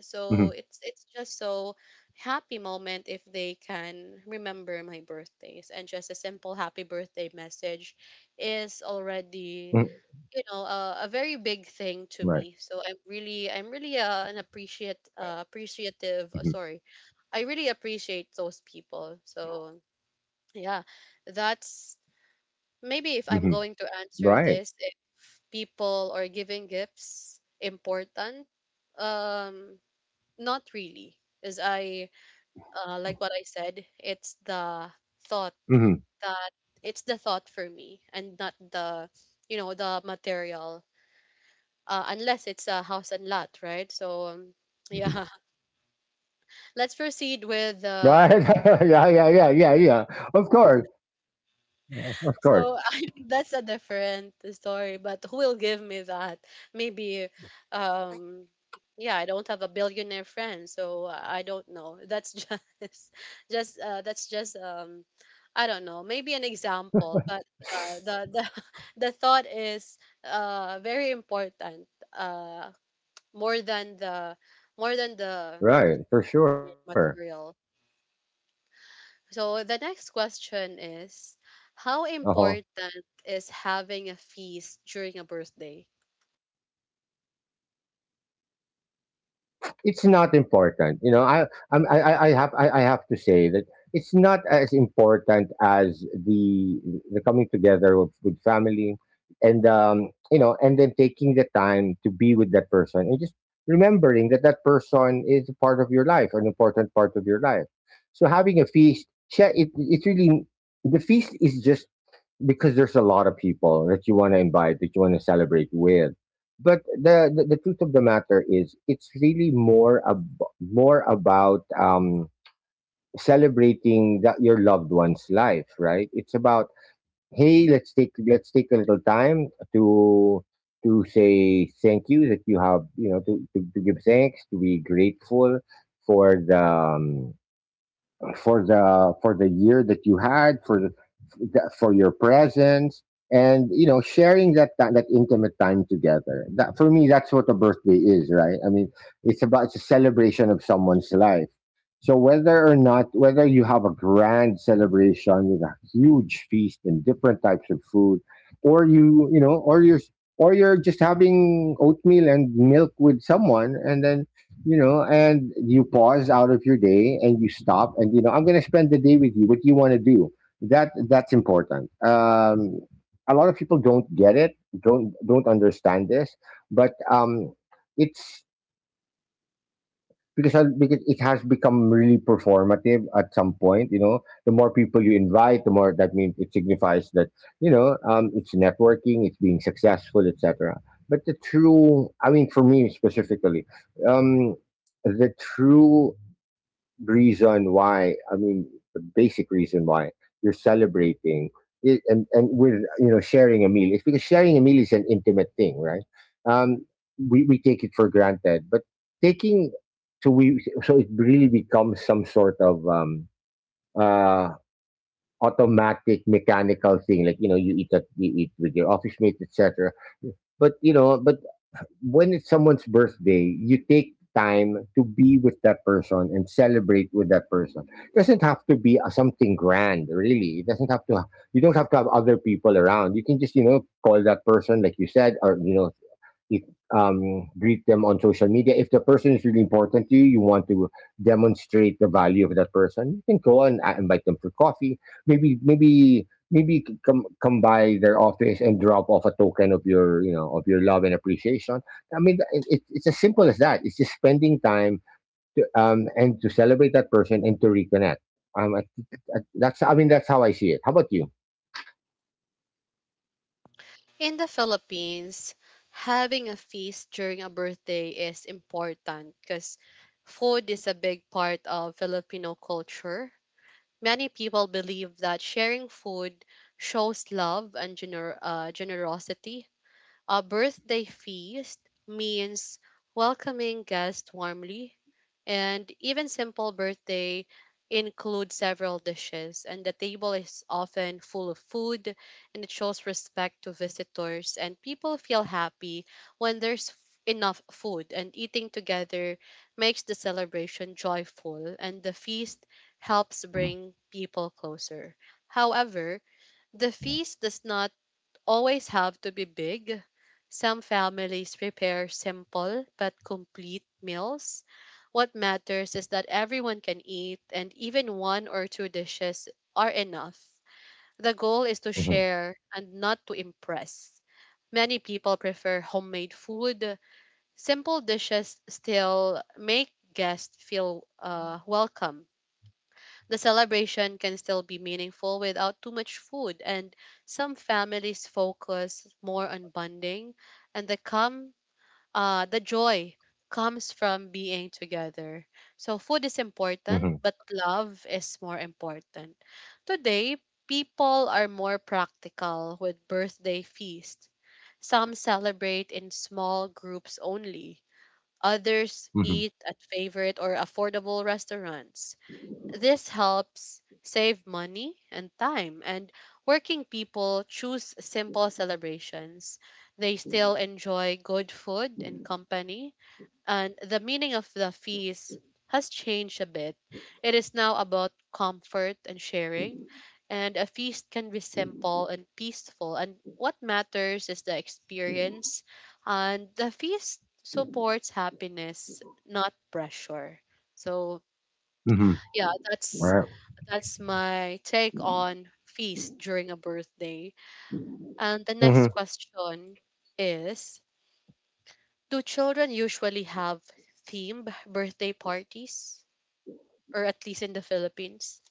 Speaker 1: so
Speaker 2: Mm-hmm,
Speaker 1: it's just so happy moment if they can remember my birthdays, and just a simple happy birthday message is already, you
Speaker 2: mm-hmm.
Speaker 1: know, a very big thing to me. So I'm
Speaker 2: Right.
Speaker 1: really I'm really an appreciate appreciative, sorry
Speaker 2: Mm-hmm.
Speaker 1: I really appreciate those people. So yeah, that's maybe if I'm going to
Speaker 2: Mm-hmm.
Speaker 1: answer this, if
Speaker 2: Right.
Speaker 1: people are giving gifts important, um, not really, as I, like what I said, it's the thought
Speaker 2: Mm-hmm.
Speaker 1: that, it's the thought for me, and not the, you know, the material. Unless it's a house and lot, right? So yeah, let's proceed with
Speaker 2: Right? Yeah, yeah, yeah, yeah, yeah. Of course, of
Speaker 1: so
Speaker 2: course.
Speaker 1: I mean, that's a different story, but who will give me that? Maybe, um, yeah, I don't have a billionaire friend, so I don't know. That's just, just that's just I don't know. Maybe an example, but yeah, the the thought is very important. Uh, more than the, more than the
Speaker 2: Right, for sure.
Speaker 1: material. So the next question is, how
Speaker 2: Uh-huh.
Speaker 1: important is having a feast during a birthday?
Speaker 2: It's not important, you know. I, I'm, I have to say that it's not as important as the coming together of, with family, and you know, and then taking the time to be with that person and just remembering that that person is a part of your life, an important part of your life. So having a feast, yeah, it really the feast is just because there's a lot of people that you want to invite, that you want to celebrate with. But the truth of the matter is, it's really more more about celebrating that your loved one's life, right? It's about hey, let's take, let's take a little time to to say thank you that you have, you know, to give thanks, to be grateful for the for the for the year that you had, for the for your presence, and you know, sharing that that intimate time together, that for me that's what a birthday is, right? I mean, it's about, it's a celebration of someone's life. So whether or not, whether you have a grand celebration with a huge feast and different types of food, or or you're, or you're just having oatmeal and milk with someone, and then you know, and you pause out of your day and you stop and you know, I'm going to spend the day with you, what do you want to do, that that's important. A lot of people don't get it, don't understand this, but it's because, because it has become really performative at some point, you know, the more people you invite the more that means, it signifies that, you know, it's networking, it's being successful, etc. But the true, I mean for me specifically, um the true reason why, I mean the basic reason why you're celebrating it, and with, you know, sharing a meal, it's because sharing a meal is an intimate thing, right? um we take it for granted, but taking, so we so it really becomes some sort of uh automatic mechanical thing, like you know you eat that, you eat with your office mates, etc. But you know, but when it's someone's birthday, you take time to be with that person and celebrate with that person. It doesn't have to be something grand, really. It doesn't have to. You don't have to have other people around. You can just, you know, call that person, like you said, or you know, if, greet them on social media. If the person is really important to you, you want to demonstrate the value of that person. You can go and invite them for coffee. Maybe come by their office and drop off a token of your, of your love and appreciation. I mean, it's as simple as that. It's just spending time and to celebrate that person and to reconnect. Um, I, I, that's I mean that's how I see it. How about you?
Speaker 1: In the Philippines, having a feast during a birthday is important because food is a big part of Filipino culture. Many people believe that sharing food shows love and generosity. A birthday feast means welcoming guests warmly, and even simple birthday include several dishes, and the table is often full of food, and it shows respect to visitors, and people feel happy when there's enough food, and eating together makes the celebration joyful, and the feast
Speaker 2: Mm-hmm.
Speaker 1: helps bring people closer. However, the feast does not always have to be big. Some families prepare simple but complete meals. What matters is that everyone can eat, and even one or two dishes are enough. The goal is to share and not to impress. Many people prefer homemade food. Simple dishes still make guests feel, welcome. The celebration can still be meaningful without too much food, and some families focus more on bonding, and the joy comes from being together. So food is
Speaker 2: Mm-hmm.
Speaker 1: important, but love is more important. Today, people are more practical with birthday feasts. Some celebrate in small groups only. Others
Speaker 2: Mm-hmm.
Speaker 1: eat at favorite or affordable restaurants. This helps save money and time, and working people choose simple celebrations. They still enjoy good food and company, and the meaning of the feast has changed a bit. It is now about comfort and sharing, and a feast can be simple and peaceful, and what matters is the experience, and the feast supports happiness, not pressure. So
Speaker 2: Mm-hmm.
Speaker 1: yeah, that's my take on feast during a birthday. And the next
Speaker 2: Right.
Speaker 1: question is, do children usually have themed birthday parties, or at least in the Philippines?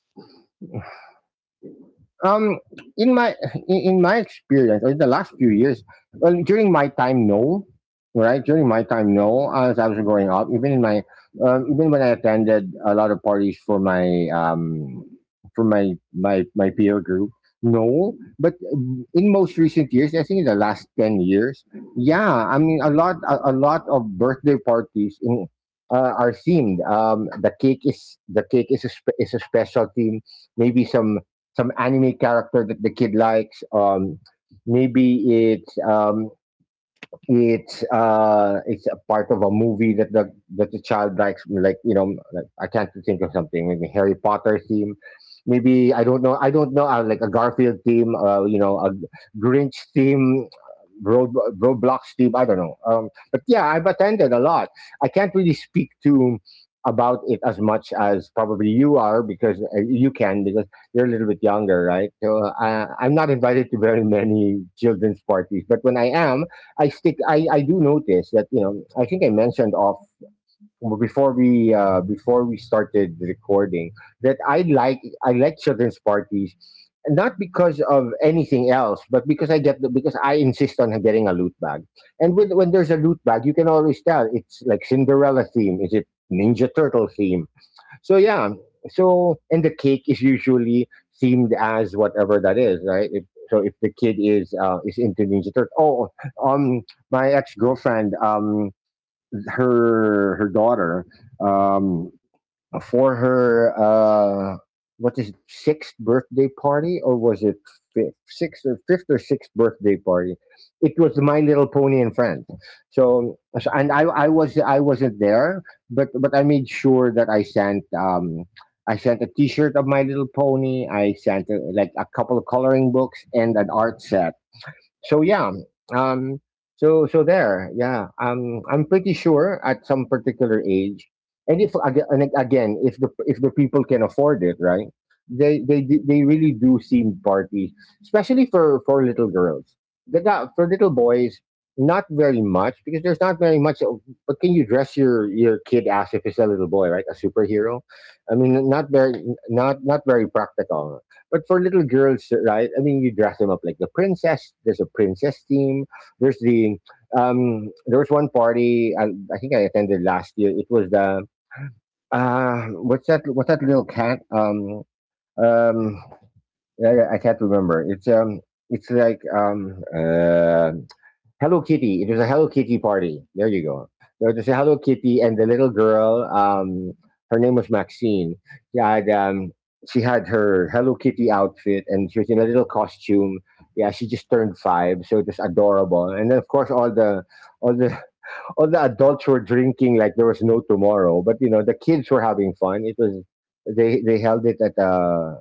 Speaker 2: um in my in my experience, or in the last few years. Well, during my time, no. Right, during my time, no, as I was growing up, even in my even when I attended a lot of parties for my my my peer group. No, but in most recent years, I think in the last 10 years, yeah, I mean a lot of birthday parties in are themed. The cake is a special theme. Maybe some anime character that the kid likes. Maybe it's a part of a movie that the child likes. Like, like, i can't think of something. Maybe Harry Potter theme. Maybe i don't know. I don't know. Like a Garfield theme. A Grinch theme, road roadblocks team. I don't know, but yeah, i've attended a lot. I can't really speak to about it as much as probably you are, because you're a little bit younger, right? So i'm not invited to very many children's parties, but when i am, i stick. I do notice that. I think i mentioned off before we started recording that I like children's parties, not because of anything else, but because i insist on getting a loot bag. And when there's a loot bag, you can always tell. It's like Cinderella theme, is it Ninja Turtle theme. So yeah. And the cake is usually themed as whatever that is, right? If, so if the kid is into Ninja Turtle. Oh, um my ex girlfriend. Her daughter, um, for her what is it, sixth birthday party, or was it fifth, sixth, or fifth or sixth birthday party? It was My Little Pony and Friends. And I wasn't there, but i made sure that I sent a T-shirt of My Little Pony. I sent like, a couple of coloring books and an art set. So yeah. Um, so so there, yeah. I'm pretty sure at some particular age, and again, if the people can afford it, right? They really do seem parties, especially for little girls. For little boys, not very much, because there's not very much. But can you dress your kid as if it's a little boy, right? A superhero. I mean, not very, not very practical, but for little girls, right? i mean, you dress them up like the princess. There's a princess theme. There's the There was one party I think i attended last year. It was the. What's that little cat? Um. I can't remember. It's. It's like. Hello Kitty. It was a Hello Kitty party. There you go. There was a Hello Kitty and the little girl. Her name was Maxine. She had um, she had her Hello Kitty outfit, and she was in a little costume. Yeah, she just turned five, so it was adorable. And then, of course, all the all the adults were drinking like there was no tomorrow. But, you know, the kids were having fun. It was, they held it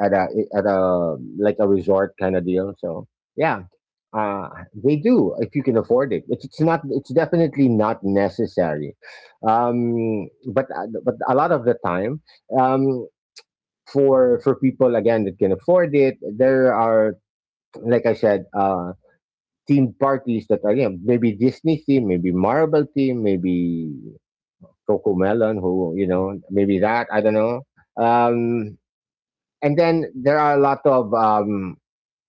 Speaker 2: at a at a like a resort kind of deal. So yeah. uh, they do, if you can afford it. It's not. It's definitely not necessary, but a lot of the time. Um, for people, again, that can afford it, there are, like i said, themed parties that are, yeah, maybe Disney theme, maybe Marvel theme, maybe Coco Melon, who, you know, maybe that i don't know. Um, and then there are a lot of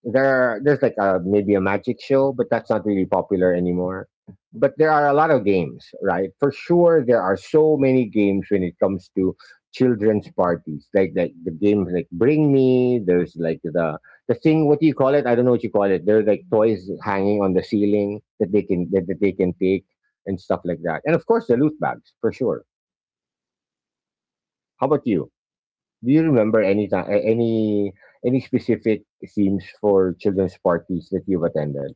Speaker 2: there are, there's like a, maybe a magic show, but that's not really popular anymore. But there are a lot of games, right? For sure, there are so many games when it comes to children's parties. Like the games, like Bring Me. There's like the thing. What do you call it? I don't know what you call it. There's like toys hanging on the ceiling that they can, that they can take, and stuff like that. And of course, the loot bags for sure. How about you? Do you remember any any specific themes for children's parties that you've attended?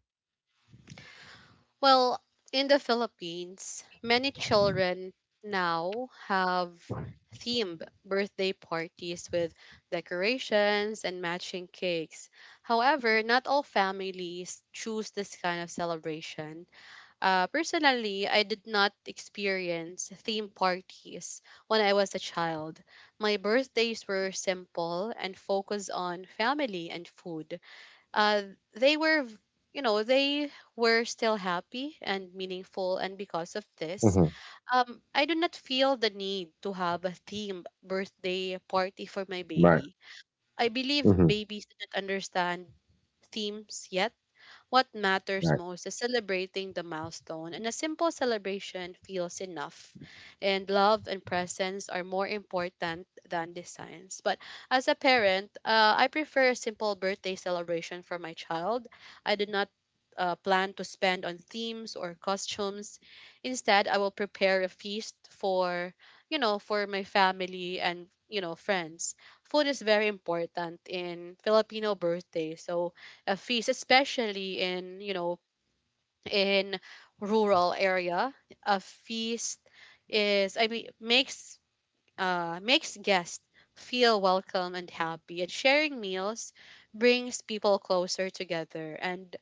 Speaker 1: Well, in the Philippines, many children now have themed birthday parties with decorations and matching cakes. However, not all families choose this kind of celebration. Personally, I did not experience theme parties when I was a child. My birthdays were simple and focused on family and food. Uh, they were, you know, they were still happy and meaningful, and because of this,
Speaker 2: Mm-hmm.
Speaker 1: I do not feel the need to have a themed birthday party for my
Speaker 2: Right.
Speaker 1: baby. I believe
Speaker 2: Mm-hmm.
Speaker 1: babies do not understand themes yet. What matters
Speaker 2: Right.
Speaker 1: most is celebrating the milestone, and a simple celebration feels enough. And love and presence are more important than designs. But as a parent, I prefer a simple birthday celebration for my child. I do not plan to spend on themes or costumes. Instead, I will prepare a feast for, you know, for my family and, you know, friends. Food is very important in Filipino birthday. So especially in, you know, in rural area. A feast is, I mean, makes, makes guests feel welcome and happy, and sharing meals brings people closer together. And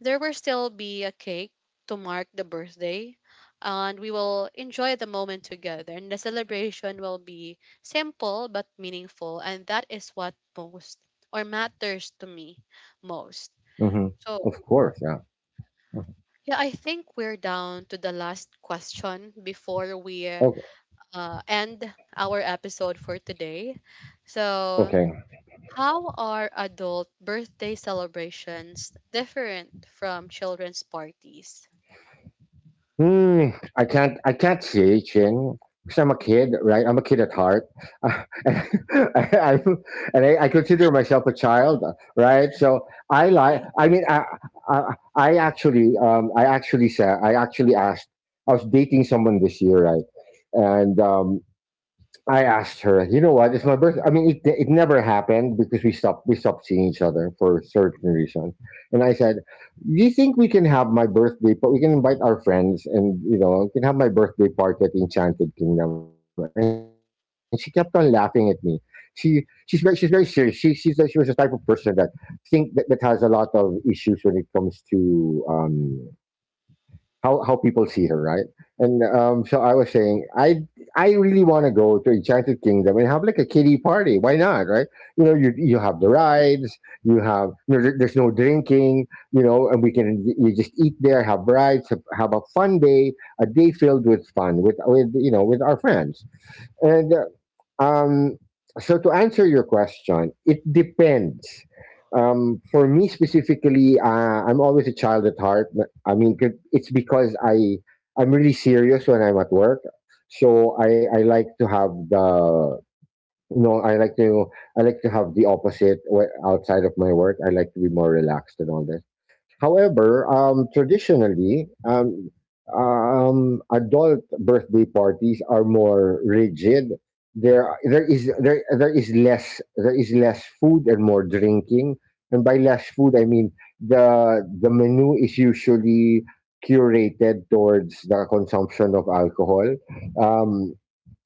Speaker 1: there will still be a cake to mark the birthday. And we will enjoy the moment together, and the celebration will be simple but meaningful, and that is what most or matters to me most.
Speaker 2: Mm-hmm.
Speaker 1: So
Speaker 2: Of course. Yeah.
Speaker 1: yeah, I think we're down to the last question before we
Speaker 2: Okay.
Speaker 1: end our episode for today. So,
Speaker 2: Okay.
Speaker 1: how are adult birthday celebrations different from children's parties?
Speaker 2: Hmm. I can't say, Chin. Because I'm a kid, right? I'm a kid at heart, and, I, and I consider myself a child, right? So I like.
Speaker 1: Okay.
Speaker 2: I mean, I actually asked. I was dating someone this year, right? And I asked her, you know what? It's my birthday. I mean, it never happened, because we stopped seeing each other for certain reasons. And I said, do you think we can have my birthday, but we can invite our friends, and, you know, we can have my birthday party at Enchanted Kingdom? And she kept on laughing at me. She's very serious. She was the type of person that think that has a lot of issues when it comes to how people see her, right? And so I was saying, I really want to go to Enchanted Kingdom and have like a kiddie party. Why not, right? You know, you have the rides, you have you know, there, there's no drinking, you know, and we can you just eat there, have rides, have a fun day, a day filled with fun with you know with our friends. And um, so, to answer your question, it depends. For me specifically, I'm always a child at heart. I mean, it's because I'm really serious when I'm at work, so I like to have the, you know I like to I like to have the opposite, outside of my work. I like to be more relaxed and all that. However, traditionally, adult birthday parties are more rigid. There there is less food and more drinking. And by less food, I mean the menu is usually curated towards the consumption of alcohol. Um,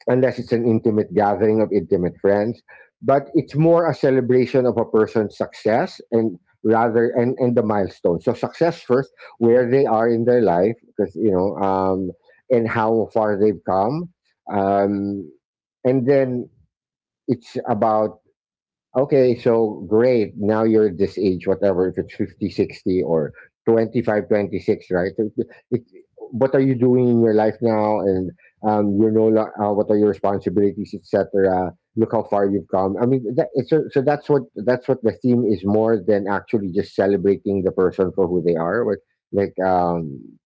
Speaker 2: unless it's an intimate gathering of intimate friends. But it's more a celebration of a person's success, and the milestone. So success first, where they are in their life, because, and how far they've come. Um, and then it's about. Okay, so great. Now you're this age, whatever. If it's 50, 60, or 25, 26, right? So It, it, what are you doing in your life now? And what are your responsibilities, etc.? Look how far you've come. I mean, that, it's so, so that's what the theme is, more than actually just celebrating the person for who they are. Like, like um,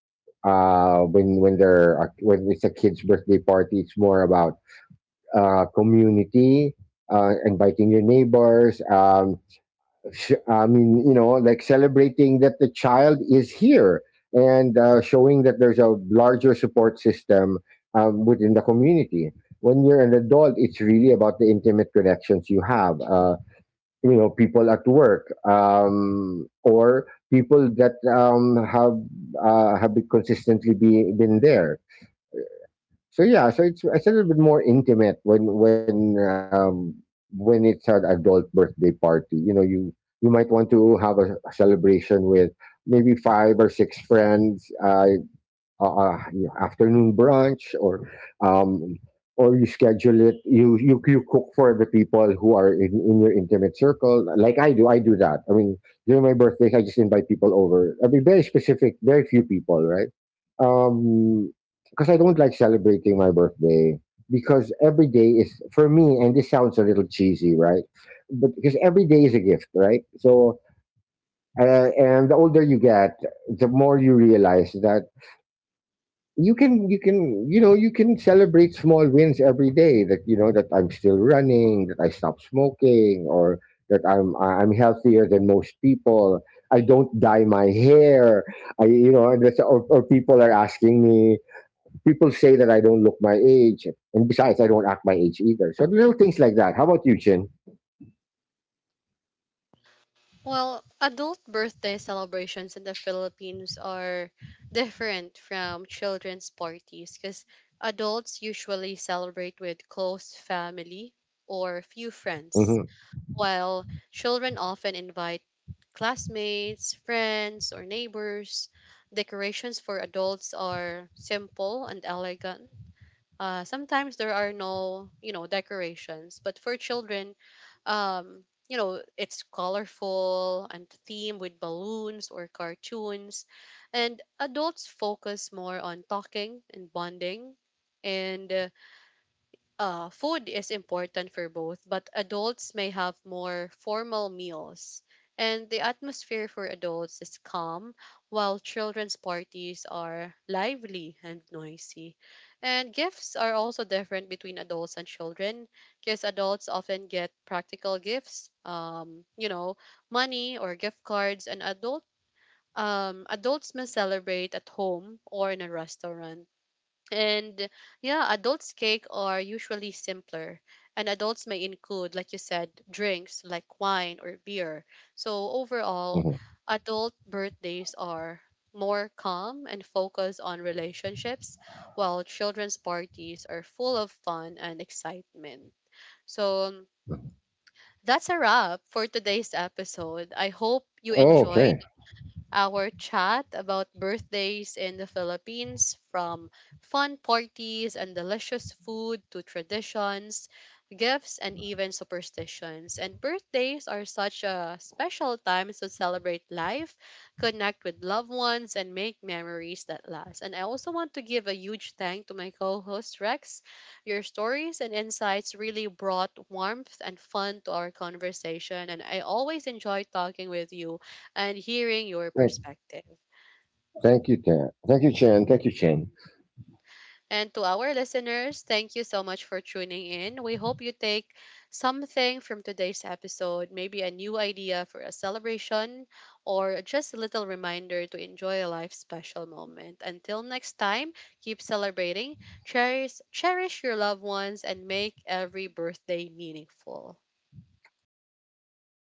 Speaker 2: uh, when it's a kid's birthday party, it's more about community, inviting your neighbors, I mean, like, celebrating that the child is here, and showing that there's a larger support system within the community. When you're an adult, it's really about the intimate connections you have, people at work, or people that have, have been consistently been there. So yeah. So it's a little bit more intimate when, when it's an adult birthday party. You know, you might want to have a celebration with maybe five or six friends. Afternoon brunch, or um, or you schedule it. You cook for the people who are in your intimate circle. Like I do that. I mean, during my birthdays, I just invite people over. I mean, very specific, very few people, right? um because I don't like celebrating my birthday, because every day is for me, and this sounds a little cheesy, right? But because every day is a gift, right? So, and the older you get, the more you realize that you can celebrate small wins every day. That, you know, that I'm still running, that I stopped smoking, or that I'm healthier than most people. I don't dye my hair. I you know and that's, or, or people are asking me. People say that I don't look my age, and besides, I don't act my age either. So little things like that. How about you, Chen?
Speaker 1: Well, adult birthday celebrations in the Philippines are different from children's parties because adults usually celebrate with close family or few friends,
Speaker 2: Hmm.
Speaker 1: while children often invite classmates, friends, or neighbors. Decorations for adults are simple and elegant. Sometimes there are no, you know, decorations, but for children, you know, it's colorful and themed with balloons or cartoons. And adults focus more on talking and bonding. And food is important for both, but adults may have more formal meals. And the atmosphere for adults is calm, while children's parties are lively and noisy. And gifts are also different between adults and children, because adults often get practical gifts, you know, money or gift cards, and adults may celebrate at home or in a restaurant, and yeah, adults' cake are usually simpler, and adults may include, like you said, drinks like wine or beer. So overall,
Speaker 2: Hmm.
Speaker 1: adult birthdays are more calm and focus on relationships, while children's parties are full of fun and excitement. So that's a wrap for today's episode. I hope you
Speaker 2: Oh, okay.
Speaker 1: enjoyed our chat about birthdays in the Philippines, from fun parties and delicious food to traditions, gifts, and even superstitions. And birthdays are such a special time to celebrate life, connect with loved ones, and make memories that last. And I also want to give a huge thank to my co host Rex. Your stories and insights really brought warmth and fun to our conversation, and I always enjoy talking with you and hearing your
Speaker 2: thank,
Speaker 1: perspective.
Speaker 2: thank you, Chen. Thank you, Chen. Thank you, Chen.
Speaker 1: And to our listeners, thank you so much for tuning in. We hope you take something from today's episode, maybe a new idea for a celebration, or just a little reminder to enjoy a life special moment. Until next time, keep celebrating, cherish, cherish your loved ones, and make every birthday meaningful.